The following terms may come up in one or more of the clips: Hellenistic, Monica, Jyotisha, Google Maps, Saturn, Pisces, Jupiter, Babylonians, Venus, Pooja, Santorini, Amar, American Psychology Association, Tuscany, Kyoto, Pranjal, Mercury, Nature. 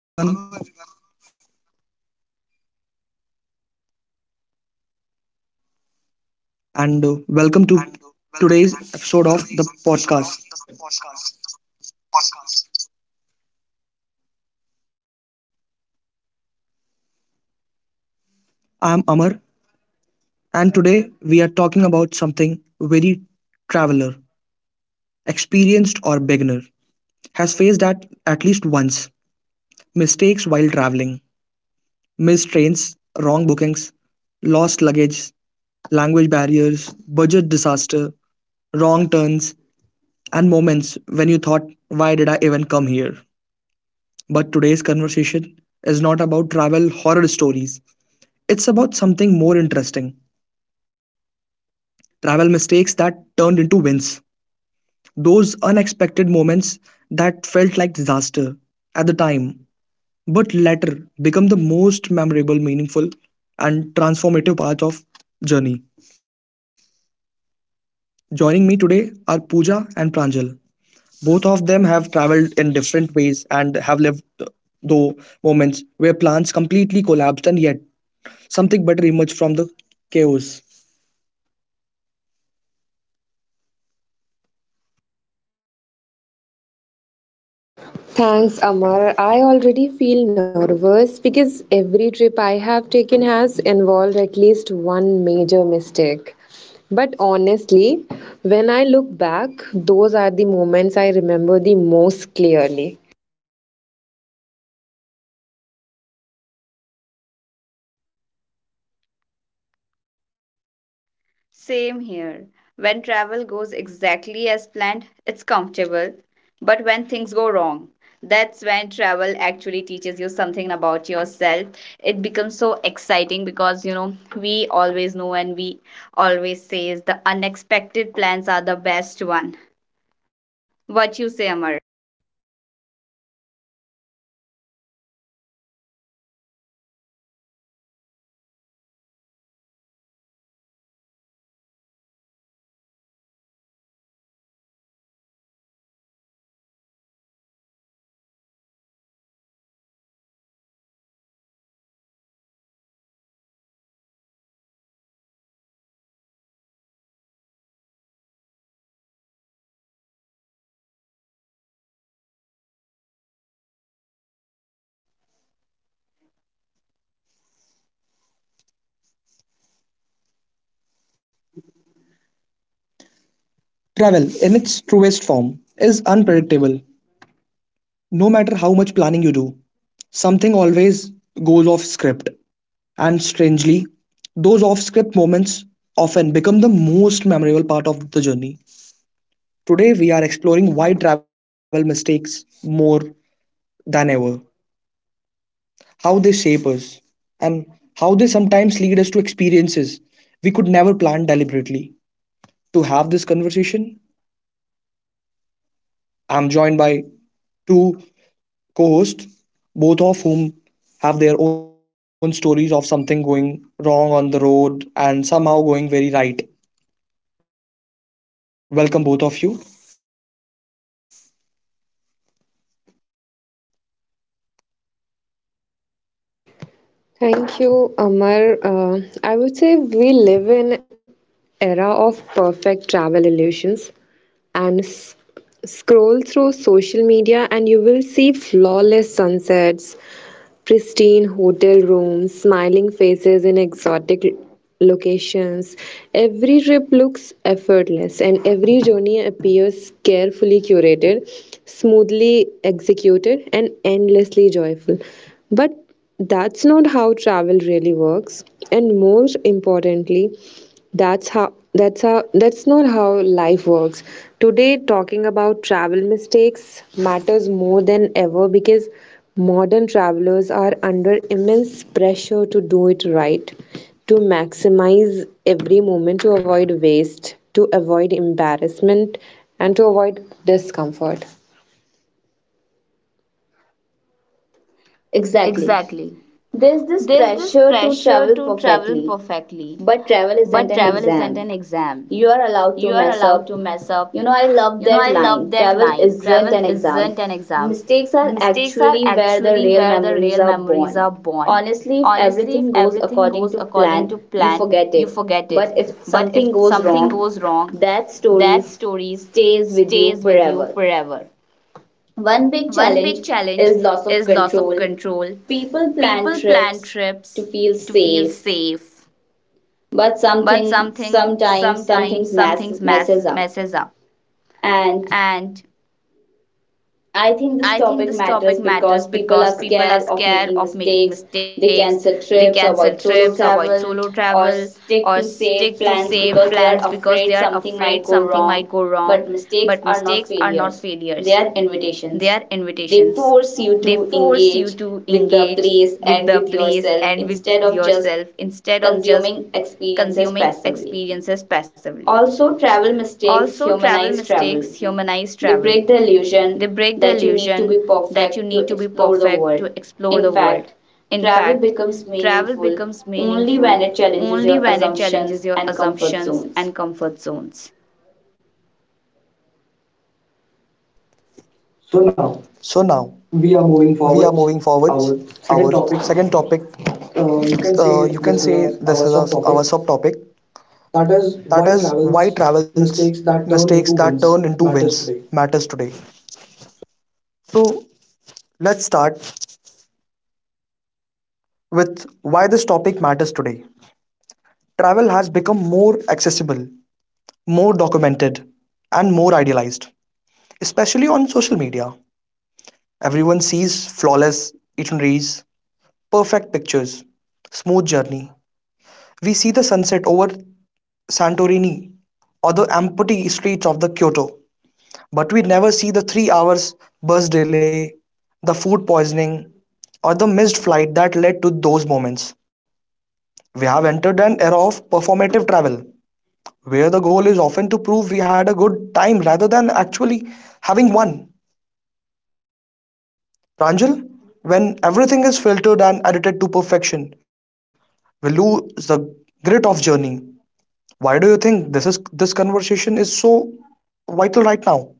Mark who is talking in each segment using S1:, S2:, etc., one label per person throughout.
S1: Hello, everyone, and welcome to today's episode of the podcast. I'm Amar, and today we are talking about something very traveler, experienced or beginner, has faced at least once mistakes while traveling, missed trains, wrong bookings, lost luggage, language barriers, budget disaster, wrong turns, and moments when you thought, why did I even come here? But today's conversation is not about travel horror stories. It's about something more interesting travel mistakes that turned into wins. Those unexpected moments that felt like disaster at the time, but later become the most memorable, meaningful, and transformative part of journey. Joining me today are Pooja and Pranjal. Both of them have traveled in different ways and have lived though moments where plans completely collapsed and yet something better emerged from the chaos.
S2: Thanks, Amar. I already feel nervous because every trip I have taken has involved at least one major mistake. But honestly, when I look back, those are the moments I remember the most clearly.
S3: Same here. When travel goes exactly as planned, it's comfortable. But when things go wrong, that's when travel actually teaches you something about yourself. It becomes so exciting because, we always know and we always say is the unexpected plans are the best one. What you say, Amar?
S1: Travel, in its truest form, is unpredictable. No matter how much planning you do, something always goes off script. And strangely, those off script moments often become the most memorable part of the journey. Today, we are exploring why travel mistakes more than ever, how they shape us, and how they sometimes lead us to experiences we could never plan deliberately. To have this conversation, I'm joined by two co host, both of whom have their own stories of something going wrong on the road and somehow going very right. Welcome, both of you.
S2: Thank you, Amar. I would say we live in era of perfect travel illusions and scroll through social media and you will see flawless sunsets, pristine hotel rooms, smiling faces in exotic locations. Every trip looks effortless, and every journey appears carefully curated, smoothly executed, and endlessly joyful. But that's not how travel really works. And more importantly, that's not how life works. Today talking about travel mistakes matters more than ever because modern travelers are under immense pressure to do it right, to maximize every moment to avoid waste, to avoid embarrassment, and to avoid discomfort.
S3: Exactly.
S2: Exactly.
S3: There's
S2: There's
S3: this
S2: this
S3: pressure
S2: pressure
S3: to
S2: to
S3: travel
S2: travel perfectly,
S3: perfectly, but
S2: but
S3: travel
S2: travel isn't
S3: isn't
S2: an
S3: an exam.
S2: exam. You
S3: You are
S2: are
S3: allowed
S2: allowed
S3: to
S2: to mess
S3: mess up.
S2: up. You
S3: You
S2: know,
S3: know,
S2: I
S3: I love
S2: love that
S3: that line.
S2: line. Travel
S3: Travel
S2: isn't
S3: isn't an
S2: an exam.
S3: exam.
S2: Mistakes
S3: Mistakes
S2: are
S3: are actually
S2: actually
S3: where
S2: where the
S3: the real
S2: real memories
S3: memories
S2: are
S3: are
S2: born.
S3: born.
S2: Honestly,
S3: Honestly,
S2: if
S3: if everything
S2: everything goes
S3: goes according
S2: according
S3: to
S2: to
S3: plan,
S2: plan, you
S3: you
S2: forget
S3: forget
S2: it.
S3: it. But
S2: But
S3: if
S2: if
S3: something
S2: something
S3: goes
S2: goes
S3: wrong,
S2: wrong,
S3: that
S2: that
S3: story
S2: story stays
S3: stays with
S2: with you
S3: you forever.
S2: forever. One
S3: One big
S2: big challenge
S3: challenge
S2: is
S3: is loss
S2: loss
S3: of
S2: of control.
S3: control. People
S2: People
S3: plan
S2: plan
S3: trips
S2: trips to
S3: to
S2: feel
S3: feel safe,
S2: safe,
S3: but
S2: but something
S3: something
S2: sometimes
S3: sometimes some things mess,
S2: messes
S3: messes up
S2: up
S3: and
S2: and I
S3: I
S2: think
S3: think
S2: this
S3: this
S2: topic
S3: topic
S2: matters
S3: matters because
S2: because people
S3: people are
S2: are scared
S3: scared of
S2: of
S3: making
S2: making mistakes.
S3: mistakes.
S2: They
S3: They
S2: cancel
S3: cancel
S2: trips,
S3: trips,
S2: avoid
S3: avoid
S2: solo
S3: solo travel,
S2: travel, or
S3: or stick
S2: stick to
S3: to safe
S2: safe plans
S3: plans
S2: because
S3: because they
S2: they
S3: are
S2: are
S3: afraid
S2: afraid something
S3: something
S2: might
S3: might go
S2: go wrong.
S3: wrong. But
S2: But mistakes
S3: mistakes
S2: are
S3: are
S2: not
S3: not
S2: failures,
S3: failures,
S2: they
S3: they
S2: are
S3: are
S2: invitations.
S3: invitations.
S2: They
S3: They
S2: force
S3: force
S2: you
S3: you
S2: to
S3: to
S2: engage
S3: engage
S2: with the
S3: with the
S2: place
S3: place
S2: and with
S3: and with
S2: yourself
S3: yourself
S2: instead of
S3: instead of
S2: just
S3: just
S2: consuming
S3: consuming
S2: experiences
S3: experiences
S2: passively.
S3: passively.
S2: Also,
S3: Also,
S2: travel
S3: travel
S2: mistakes
S3: mistakes
S2: humanize
S3: humanize
S2: travel.
S3: travel,
S2: They break
S3: they
S2: the
S3: break the
S2: illusion
S3: illusion
S2: that you need to
S3: that
S2: be
S3: you need to be
S2: perfect to
S3: perfect to
S2: explore the world.
S3: explore the world.
S2: In fact,
S3: In fact,
S2: travel becomes
S3: travel becomes
S2: meaningful
S3: meaningful
S2: only when it
S3: only
S2: challenges
S3: when it
S2: your
S3: challenges your
S2: assumptions and
S3: assumptions
S2: comfort
S3: and
S2: zones.
S3: comfort zones.
S2: So now
S1: So, now
S2: we are moving forward.
S1: we are moving
S2: Our
S1: forward.
S2: second topic,
S1: Our second topic,
S2: you can say this
S1: you
S2: is
S1: can
S2: our,
S1: say
S2: our
S1: this is our,
S2: subtopic.
S1: our subtopic
S2: That is why
S1: that is
S2: travels
S1: why travels,
S2: mistakes that turn into
S1: mistakes that
S2: wins
S1: turn into
S2: matters
S1: wins
S2: today.
S1: matters today. So, let's start with why this topic matters today. Travel has become more accessible, more documented, and more idealized, especially on social media. Everyone sees flawless itineraries, perfect pictures, smooth journey. We see the sunset over Santorini or the empty streets of the Kyoto, but we never see the 3 hours bus delay, the food poisoning, or the missed flight that led to those moments. We have entered an era of performative travel where the goal is often to prove we had a good time rather than actually having one. Pranjal, when everything is filtered and edited to perfection, we lose the grit of journey. Why do you think this conversation is so vital right now?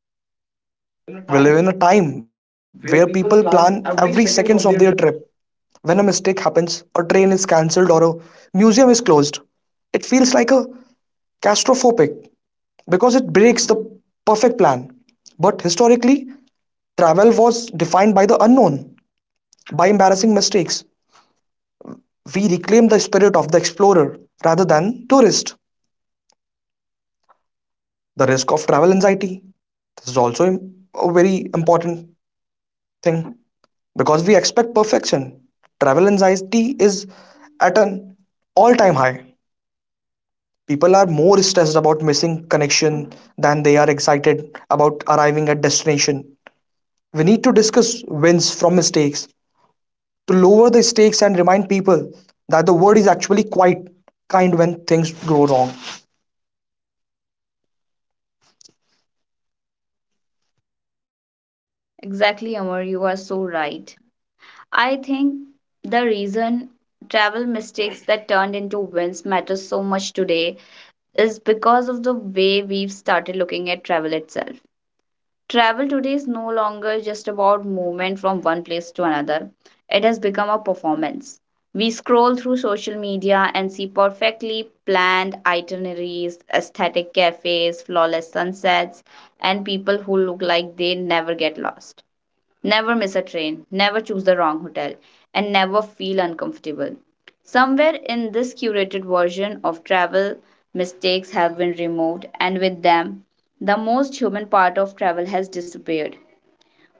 S3: In a time where people
S1: We
S3: plan
S1: live in a
S3: every
S1: time
S3: seconds of
S1: where
S3: their trip.
S1: people plan every seconds of their trip. When a mistake happens, a train is cancelled or a museum is closed, it feels like a claustrophobic because it breaks the perfect plan. But historically, travel was defined by the unknown. By embarrassing mistakes, we reclaim the spirit of the explorer rather than tourist. The risk of travel anxiety. This is also a very important thing because we expect perfection. Travel anxiety is at an all time high. People are more stressed about missing connection than they are excited about arriving at destination. We need to discuss wins from mistakes to lower the stakes and remind people that the world is actually quite kind when things go wrong.
S3: Exactly, Amar, you are so right. I think the reason travel mistakes that turned into wins matter so much today is because of the way we've started looking at travel itself. Travel today is no longer just about movement from one place to another. It has become a performance. We scroll through social media and see perfectly planned itineraries, aesthetic cafes, flawless sunsets, and people who look like they never get lost. Never miss a train, never choose the wrong hotel, and never feel uncomfortable. Somewhere in this curated version of travel, mistakes have been removed, and with them, the most human part of travel has disappeared.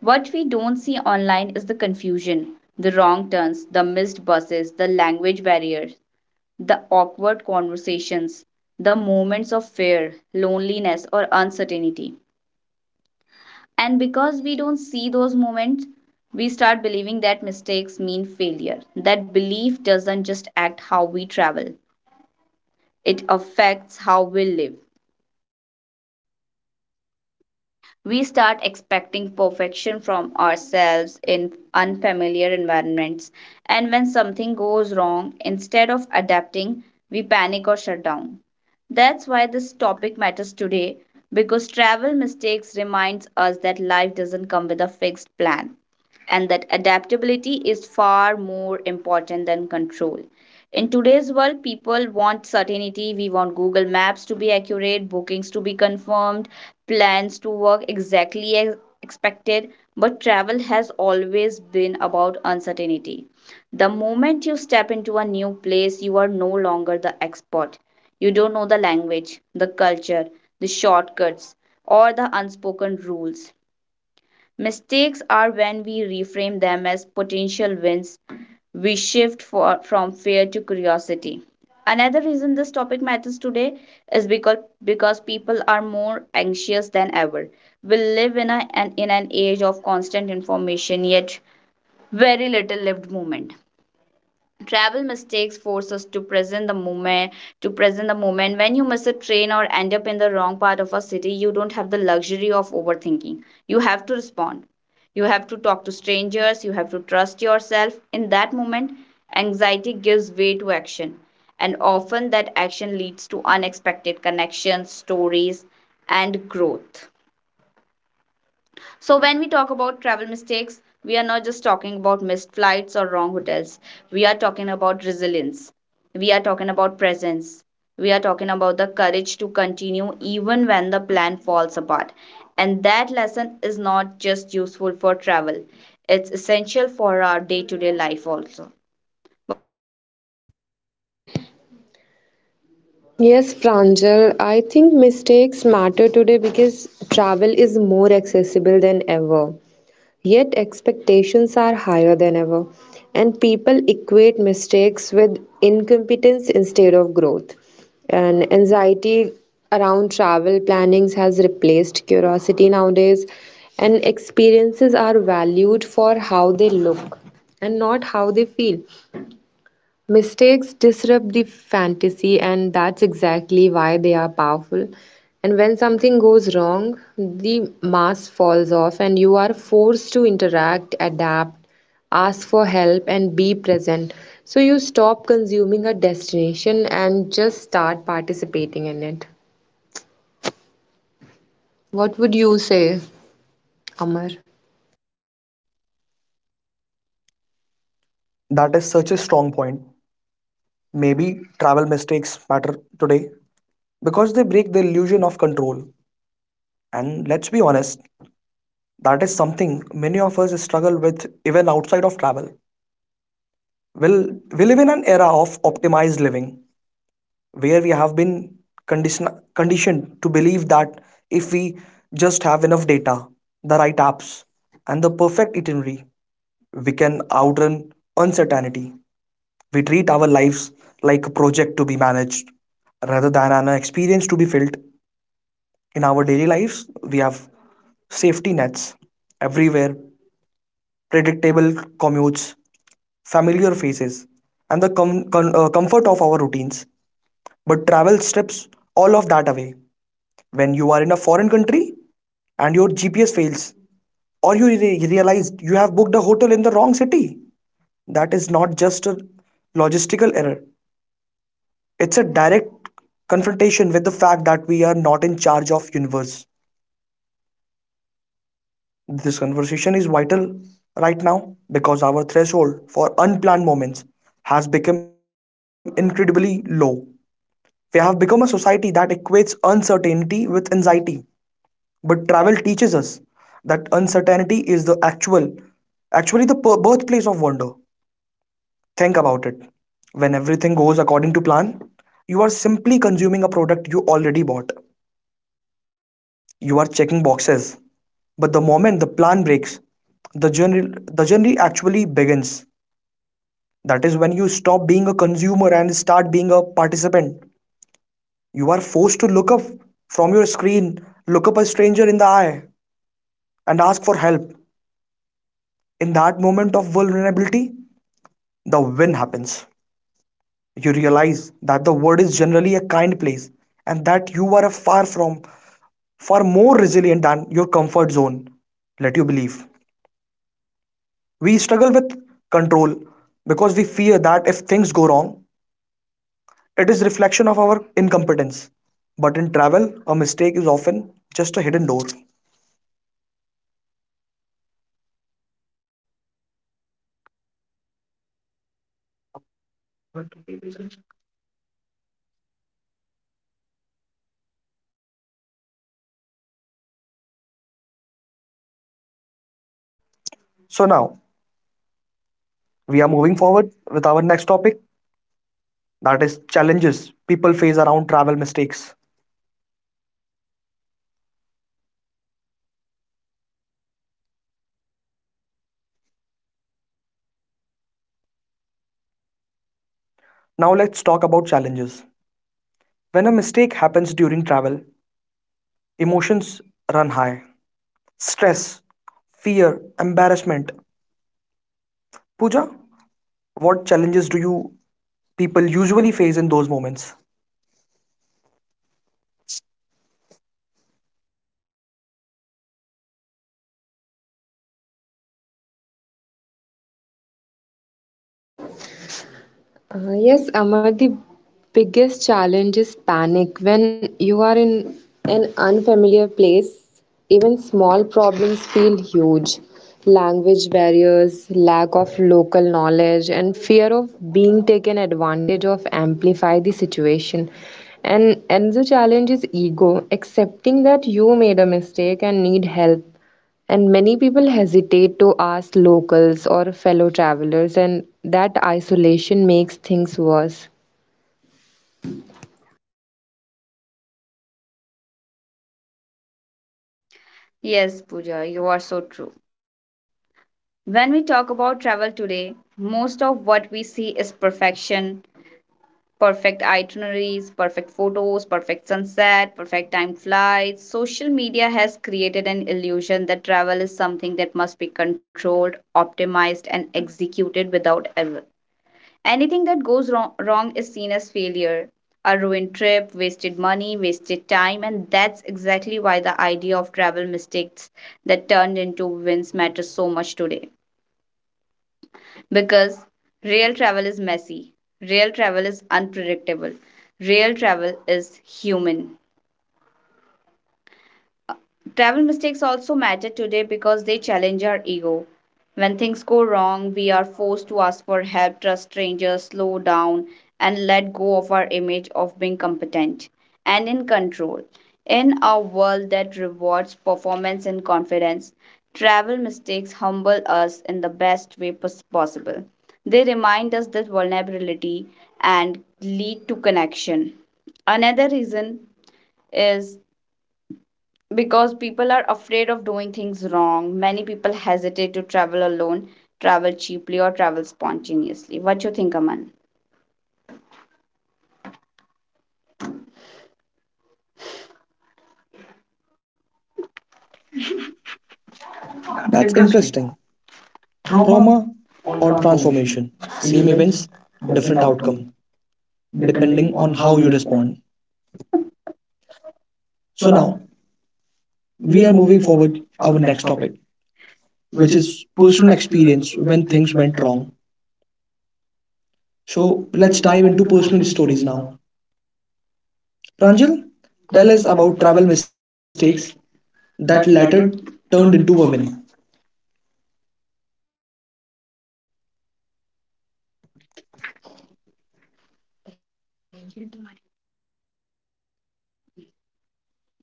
S3: What we don't see online is the confusion, the wrong turns, the missed buses, the language barriers, the awkward conversations, the moments of fear, loneliness, or uncertainty. And because we don't see those moments, we start believing that mistakes mean failure. That belief doesn't just act how we travel, it affects how we live. We start expecting perfection from ourselves in unfamiliar environments. And when something goes wrong, instead of adapting, we panic or shut down. That's why this topic matters today because travel mistakes reminds us that life doesn't come with a fixed plan and that adaptability is far more important than control. In today's world, people want certainty. We want Google Maps to be accurate, bookings to be confirmed, plans to work exactly as expected, but travel has always been about uncertainty. The moment you step into a new place, you are no longer the expert. You don't know the language, the culture, the shortcuts, or the unspoken rules. Mistakes are when we reframe them as potential wins, we shift for, from fear to curiosity. Another reason this topic matters today is because people are more anxious than ever. We live in a, an in an age of constant information yet very little lived moment. Travel mistakes force us to present the moment when you miss a train or end up in the wrong part of a city. You don't have the luxury of overthinking, you have to respond, you have to talk to strangers, you have to trust yourself in that moment. Anxiety gives way to action, and often that action leads to unexpected connections, stories, and growth. So, when we talk about travel mistakes, we are not just talking about missed flights or wrong hotels. We are talking about resilience. We are talking about presence. We are talking about the courage to continue even when the plan falls apart. And that lesson is not just useful for travel, it's essential for our day to day life also.
S2: Yes, Pranjal, I think mistakes matter today because travel is more accessible than ever. Yet expectations are higher than ever, and people equate mistakes with incompetence instead of growth. And anxiety around travel plannings has replaced curiosity nowadays, and experiences are valued for how they look and not how they feel. Mistakes disrupt the fantasy, and that's exactly why they are powerful. And when something goes wrong, the mask falls off, and you are forced to interact, adapt, ask for help, and be present. So you stop consuming a destination and just start participating in it. What would you say, Amar?
S1: That is such a strong point. Maybe travel mistakes matter today because they break the illusion of control. And let's be honest, that is something many of us struggle with even outside of travel. We'll, we live in an era of optimized living where we have been condition- conditioned to believe that if we just have enough data, the right apps, and the perfect itinerary, we can outrun uncertainty. We treat our lives like a project to be managed rather than an experience to be felt. In our daily lives, we have safety nets everywhere, predictable commutes, familiar faces, and the comfort of our routines. But travel strips all of that away when you are in a foreign country and your GPS fails, or you realize you have booked a hotel in the wrong city. That is not just a logistical error. It's a direct confrontation with the fact that we are not in charge of universe. This conversation is vital right now because our threshold for unplanned moments has become incredibly low. We have become a society that equates uncertainty with anxiety. But travel teaches us that uncertainty is actually the birthplace of wonder. Think about it. When everything goes according to plan, you are simply consuming a product you already bought. You are checking boxes. But the moment the plan breaks, the journey actually begins. That is when you stop being a consumer and start being a participant. You are forced to look up from your screen, look up a stranger in the eye, and ask for help. In that moment of vulnerability, the win happens. You realize that the world is generally a kind place and that you are far more resilient than your comfort zone let you believe. We struggle with control because we fear that if things go wrong, it is reflection of our incompetence. But in travel, a mistake is often just a hidden door. So now we are moving forward with our next topic that is challenges people face around travel mistakes. Now let's talk about challenges. When a mistake happens during travel, emotions run high. Stress, fear, embarrassment. Pooja, what challenges do you people usually face in those moments?
S2: Yes, Amar, the biggest challenge is panic. When you are in an unfamiliar place, even small problems feel huge. Language barriers, lack of local knowledge, and fear of being taken advantage of amplify the situation. And another challenge is ego, accepting that you made a mistake and need help, and many people hesitate to ask locals or fellow travelers, and that isolation makes things worse.
S3: Yes, Pooja, you are so true. When we talk about travel today, most of what we see is perfection, perfect itineraries, perfect photos, perfect sunset, perfect time flights. Social media has created an illusion that travel is something that must be controlled, optimized, and executed without error. Anything that goes wrong is seen as failure. A ruined trip, wasted money, wasted time, and that's exactly why the idea of travel mistakes that turned into wins matters so much today. Because real travel is messy, real travel is unpredictable, real travel is human. Travel mistakes also matter today because they challenge our ego. When things go wrong, we are forced to ask for help, trust strangers, slow down, and let go of our image of being competent and in control. In a world that rewards performance and confidence, travel mistakes humble us in the best way possible. They remind us that vulnerability and lead to connection. Another reason is because people are afraid of doing things wrong. Many people hesitate to travel alone, travel cheaply, or travel spontaneously. What do you think, Aman?
S1: That's
S3: That's interesting.
S1: interesting. Trauma
S3: Trauma
S1: or
S3: or
S1: transformation.
S3: transformation.
S1: Same
S3: Real events,
S1: events,
S3: different
S1: different outcome,
S3: outcome, depending
S1: depending
S3: on
S1: on
S3: how
S1: how
S3: you
S1: you
S3: respond.
S1: respond.
S3: So
S1: So
S3: now
S1: now
S3: we
S1: we
S3: are
S1: are
S3: moving
S1: moving
S3: forward
S1: forward
S3: our
S1: our
S3: next
S1: next
S3: topic,
S1: topic,
S3: which
S1: which
S3: is
S1: is personal
S3: personal experience
S1: experience when
S3: when
S1: things
S3: things
S1: went
S3: went
S1: wrong.
S3: wrong.
S1: So
S3: So
S1: let's
S3: let's
S1: dive
S3: dive
S1: into
S3: into
S1: personal
S3: personal
S1: stories
S3: stories
S1: now.
S3: now.
S1: Pranjal,
S3: Pranjal,
S1: tell us
S3: tell
S1: about
S3: us
S1: travel
S3: about travel
S1: mistakes
S3: mistakes
S1: that
S3: that
S1: later
S3: later
S1: turned
S3: turned
S1: into a
S3: into
S1: win.
S3: women.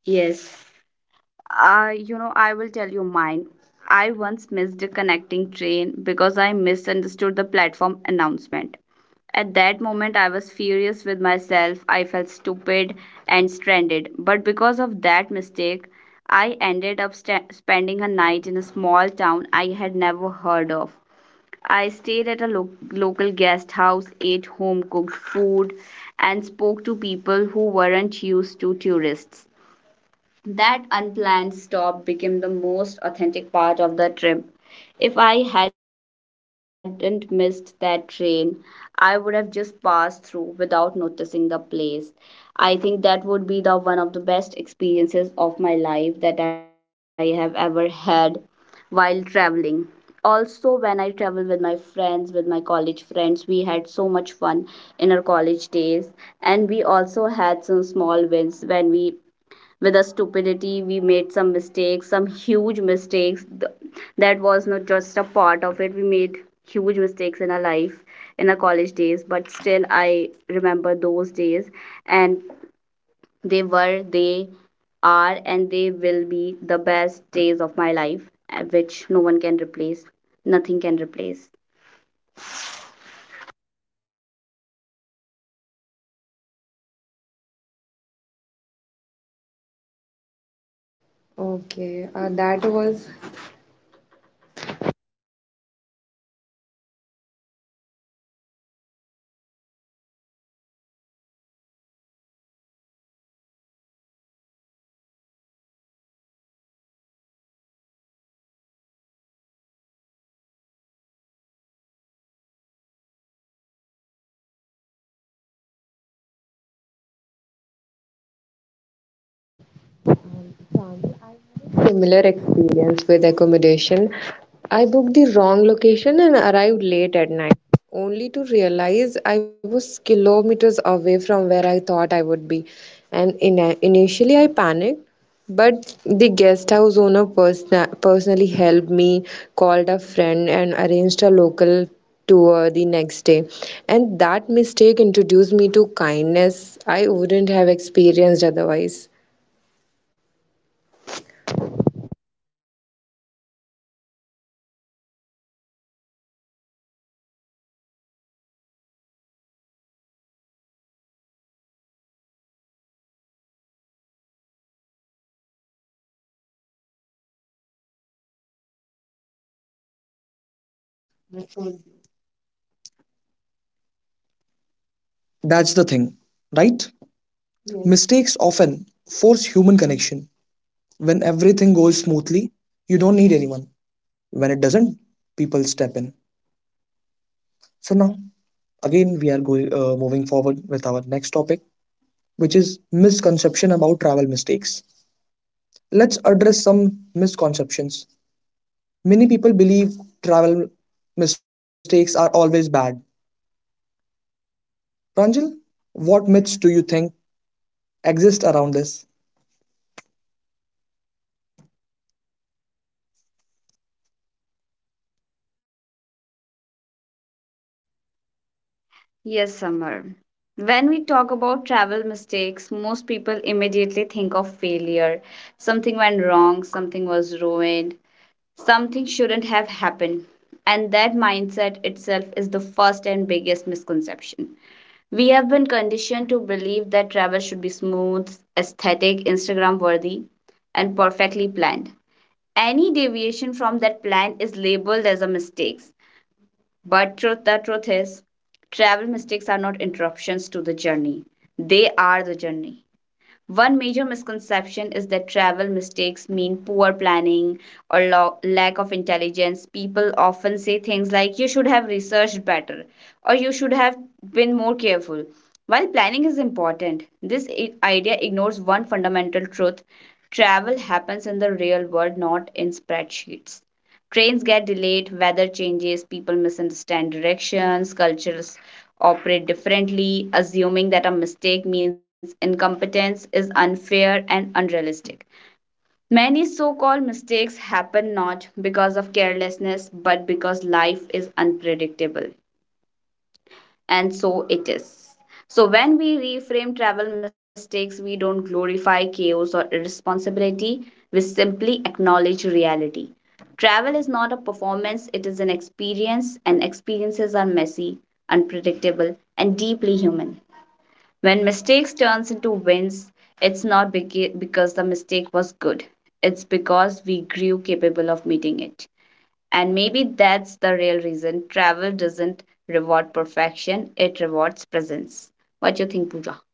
S3: Yes. You know, I will tell you mine. I once missed a connecting train because I misunderstood the platform announcement. At that moment, I was furious with myself. I felt stupid and stranded. But because of that mistake, I ended up sta spending a night in a small town I had never heard of. I stayed at a lo local guest house, ate home cooked food, and spoke to people who weren't used to tourists. That unplanned stop became the most authentic part of the trip. If I hadn't missed that train, I would have just passed through without noticing the place. I think that would be the one of the best experiences of my life that I have ever had while traveling. Also, when I travel with my friends, with my college friends, we had so much fun in our college days, and we also had some small wins when we, with our stupidity, we made some mistakes, some huge mistakes. That was not just a part of it. We made huge mistakes in our life in our college days, but still I remember those days, and they were they are and they will be the best days of my life, which no one can replace, nothing can replace.
S2: Okay, that was Similar experience with accommodation. I booked the wrong location and arrived late at night, only to realize I was kilometers away from where I thought I would be. And initially, I panicked, but the guest house owner personally helped me, called a friend, and arranged a local tour the next day. And that mistake introduced me to kindness I wouldn't have experienced otherwise.
S1: That's the thing, right? Mistakes often force human connection. When everything goes smoothly, you don't need anyone. When it doesn't, people step in. So now, again, we are going moving forward with our next topic, which is misconception about travel mistakes. Let's address some misconceptions. Many people believe travel mistakes are always bad. Pranjal, what myths do you think exist around this?
S3: Yes, Samar. When we talk about travel mistakes, most people immediately think of failure. Something went wrong, something was ruined, something shouldn't have happened. And that mindset itself is the first and biggest misconception. We have been conditioned to believe that travel should be smooth, aesthetic, Instagram worthy, and perfectly planned. Any deviation from that plan is labeled as a mistake. But truth is, travel mistakes are not interruptions to the journey. They are the journey. One major misconception is that travel mistakes mean poor planning or lack of intelligence. People often say things like, you should have researched better or you should have been more careful. While planning is important, this idea ignores one fundamental truth: travel happens in the real world, not in spreadsheets. Trains get delayed, weather changes, people misunderstand directions, cultural operate differently. Assuming that a mistake means incompetence is unfair and unrealistic. Many so called mistakes happen not because of carelessness but because life is unpredictable, and so it is. So, when we reframe travel mistakes, we don't glorify chaos or irresponsibility, we simply acknowledge reality. Travel is not a performance, it is an experience, and experiences are messy, unpredictable, and deeply human. When mistakes turns into wins, it's not because the mistake was good. It's because we grew capable of meeting it. And maybe that's the real reason travel doesn't reward perfection, it rewards presence. What you think, Pooja?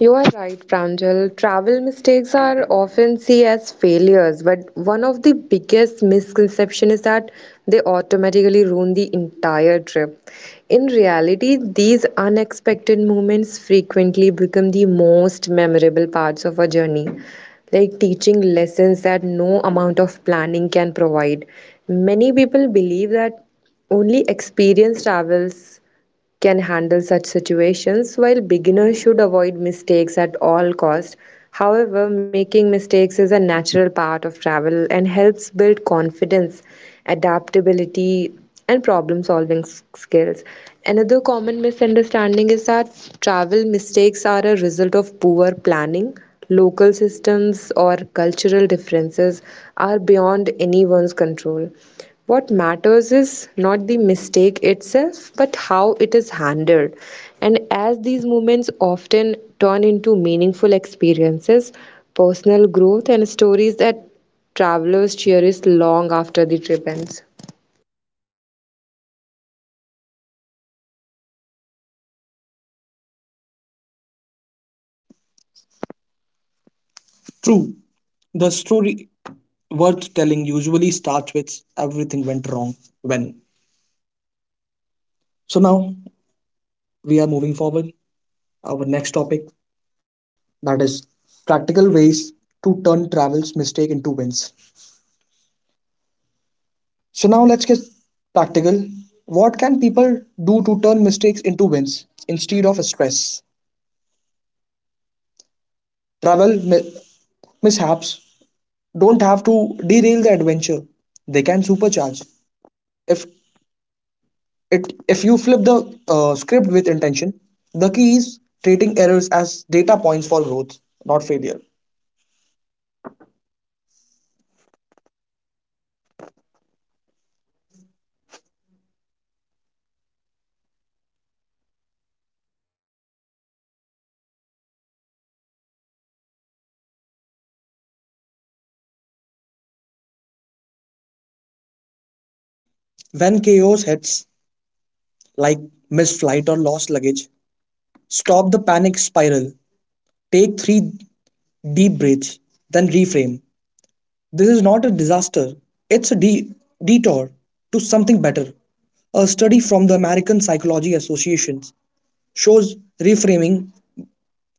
S2: You are right, Pranjal. Travel mistakes are often seen as failures, but one of the biggest misconceptions is that they automatically ruin the entire trip. In reality, these unexpected moments frequently become the most memorable parts of a journey, like teaching lessons that no amount of planning can provide. Many people believe that only experienced travels can handle such situations, while beginners should avoid mistakes at all cost. However, making mistakes is a natural part of travel and helps build confidence, adaptability, and problem solving skills. Another common misunderstanding is that travel mistakes are a result of poor planning. Local systems or cultural differences are beyond anyone's control. What matters is not the mistake itself, but how it is handled. And as these moments often turn into meaningful experiences, personal growth, and stories that travelers cherish long after the trip ends.
S1: True, the story worth telling usually starts with everything went wrong when. So now we are moving forward. Our next topic that is practical ways to turn travel's mistake into wins. So now let's get practical. What can people do to turn mistakes into wins instead of stress? Travel mishaps don't have to derail the adventure. They can supercharge. If if you flip the script with intention, the key is treating errors as data points for growth, not failure. When chaos hits, like missed flight or lost luggage, stop the panic spiral. Take three deep breaths, then reframe. This is not a disaster, it's a detour to something better. A study from the American Psychology Association shows reframing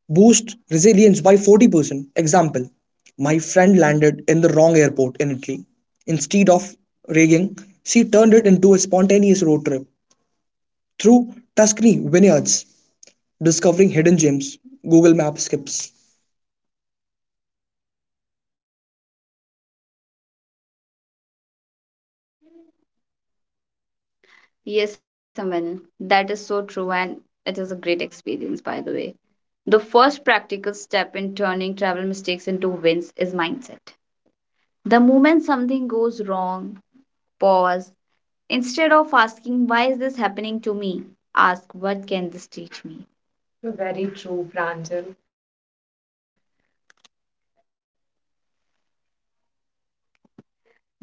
S1: boost resilience by 40%. Example: my friend landed in the wrong airport in Italy. Instead of raging, she turned it into a spontaneous road trip through Tuscany vineyards, discovering hidden gems. Google Maps skips.
S3: Yes, Aman, that is so true and it is a great experience by the way. The first practical step in turning travel mistakes into wins is mindset. The moment something goes wrong, pause. Instead of asking, why is this happening to me? Ask, what can this teach me? Very true, Pranjal.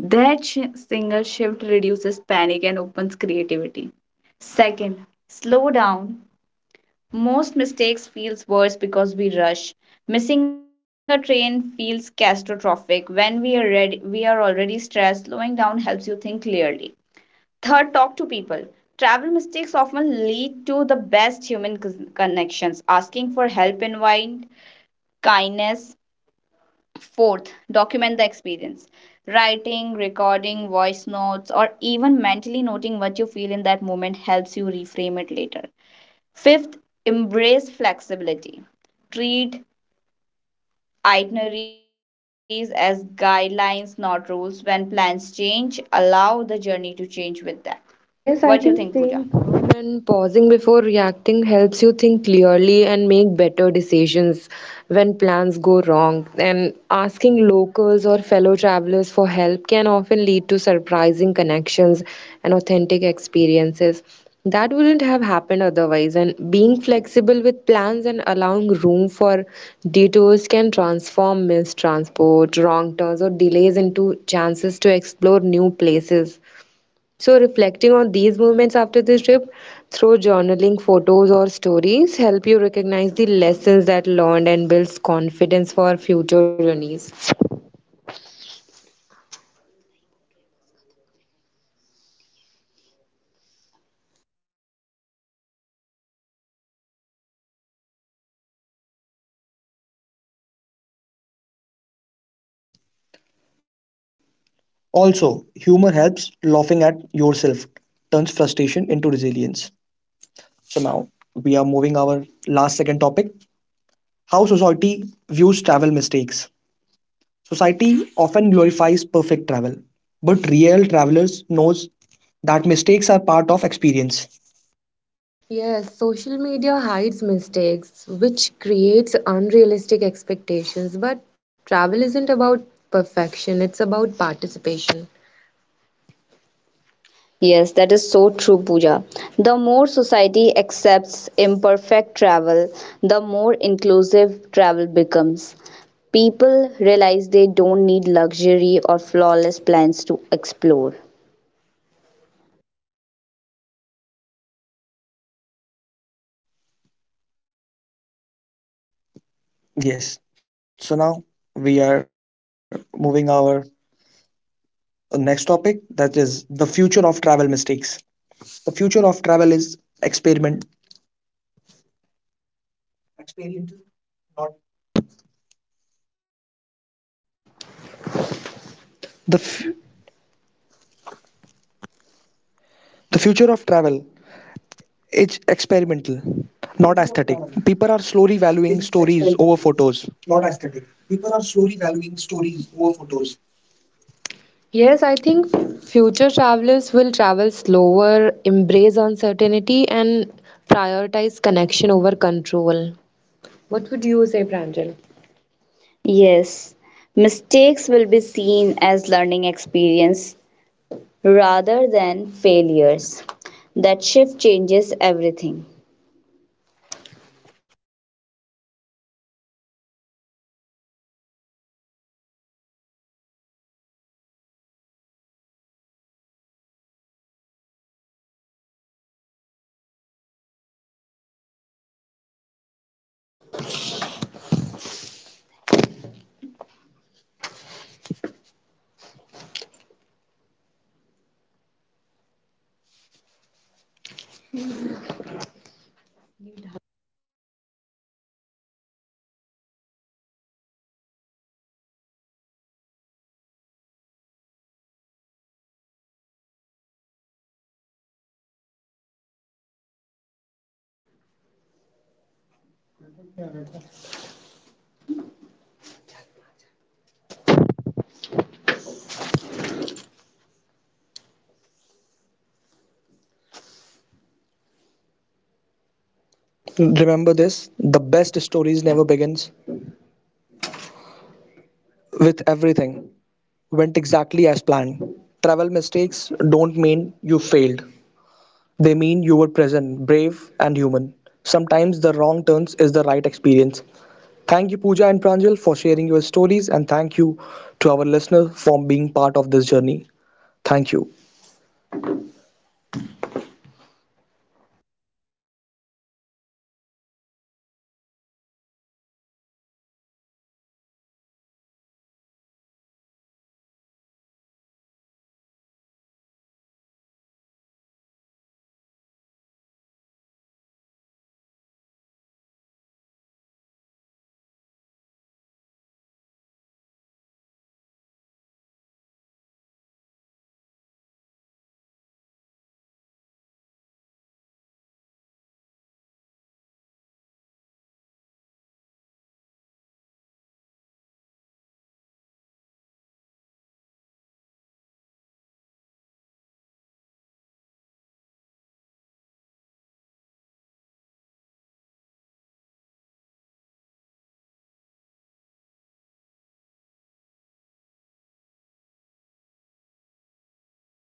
S3: That single shift reduces panic and opens creativity. Second, slow down. Most mistakes feels worse because we rush. Missing a train feels catastrophic. When we are ready, we are already stressed. Slowing down helps you think clearly. Third, talk to people. Travel mistakes often lead to the best human connections. Asking for help invite kindness. Fourth, document the experience. Writing, recording, voice notes, or even mentally noting what you feel in that moment helps you reframe it later. Fifth, embrace flexibility. Treat itineraries as guidelines, not rules. When plans change, allow the journey to change with that.
S2: Yes, I
S3: What do you
S2: think
S3: think, Pooja?
S2: staying calm and pausing before reacting helps you think clearly and make better decisions when plans go wrong. And asking locals or fellow travelers for help can often lead to surprising connections and authentic experiences that wouldn't have happened otherwise. And being flexible with plans and allowing room for detours can transform mistransport, wrong turns, or delays into chances to explore new places. So, reflecting on these moments after this trip through journaling, photos, or stories help you recognize the lessons that learned and builds confidence for future journeys.
S1: Also, humor helps. Laughing at yourself turns frustration into resilience. So now we are moving our last second topic: how society views travel mistakes. Society often glorifies perfect travel, but real travelers knows that mistakes are part of experience.
S2: Yes, social media hides mistakes, which creates unrealistic expectations. But travel isn't about perfection, it's about participation. Yes, that is so true, Pooja. The more society accepts imperfect travel, the more inclusive travel becomes. People realize they don't need luxury or flawless plans to explore.
S1: Yes. So now we are moving our next topic that is the future of travel mistakes. The future of travel is experiment. Experience, not
S2: The,
S1: the
S2: f- the future
S1: future
S2: of
S1: of travel.
S2: travel is
S1: It's
S2: experimental,
S1: experimenting, not
S2: not aesthetic.
S1: aesthetic. People
S2: People
S1: are
S2: are
S1: slowly
S2: slowly
S1: valuing
S2: valuing
S1: stories
S2: stories over
S1: over photos.
S2: photos. Yes, I think future travelers will travel slower, embrace uncertainty, and prioritize connection over control. What would you say, Pranjal? Yes, mistakes will be seen as learning experience rather than failures. That shift changes everything.
S1: So, to everyone listening, if you ever felt embarrassed about a travel mistake, Remember this the best stories never begin with everything went exactly as planned. Remember
S2: Remember
S1: this
S2: this the
S1: the best
S2: best
S1: stories
S2: stories never
S1: never begins
S2: begins
S1: with
S2: with
S1: everything
S2: everything
S1: went
S2: went
S1: exactly
S2: exactly
S1: as
S2: as
S1: planned.
S2: planned.
S1: Travel
S2: Travel
S1: mistakes
S2: mistakes
S1: don't
S2: don't
S1: mean
S2: mean
S1: you
S2: you
S1: failed.
S2: failed, they
S1: They
S2: mean
S1: mean you
S2: you were
S1: were
S2: present,
S1: present, brave
S2: brave, and
S1: and human.
S2: human. Sometimes
S1: Sometimes
S2: the
S1: the
S2: wrong
S1: wrong
S2: turns
S1: turns
S2: is
S1: is
S2: the
S1: the right
S2: right experience.
S1: experience.
S2: Thank
S1: Thank
S2: you,
S1: you Pooja
S2: Pooja
S1: and
S2: and Pranjal,
S1: Pranjal
S2: for
S1: for
S2: sharing
S1: sharing
S2: your
S1: your
S2: stories,
S1: stories
S2: and
S1: and
S2: thank
S1: thank you
S2: you to
S1: to
S2: our
S1: our
S2: listeners
S1: listener for
S2: for
S1: being
S2: being part
S1: part
S2: of
S1: of
S2: this
S1: this journey.
S2: journey. Thank
S1: Thank
S2: you.
S1: you.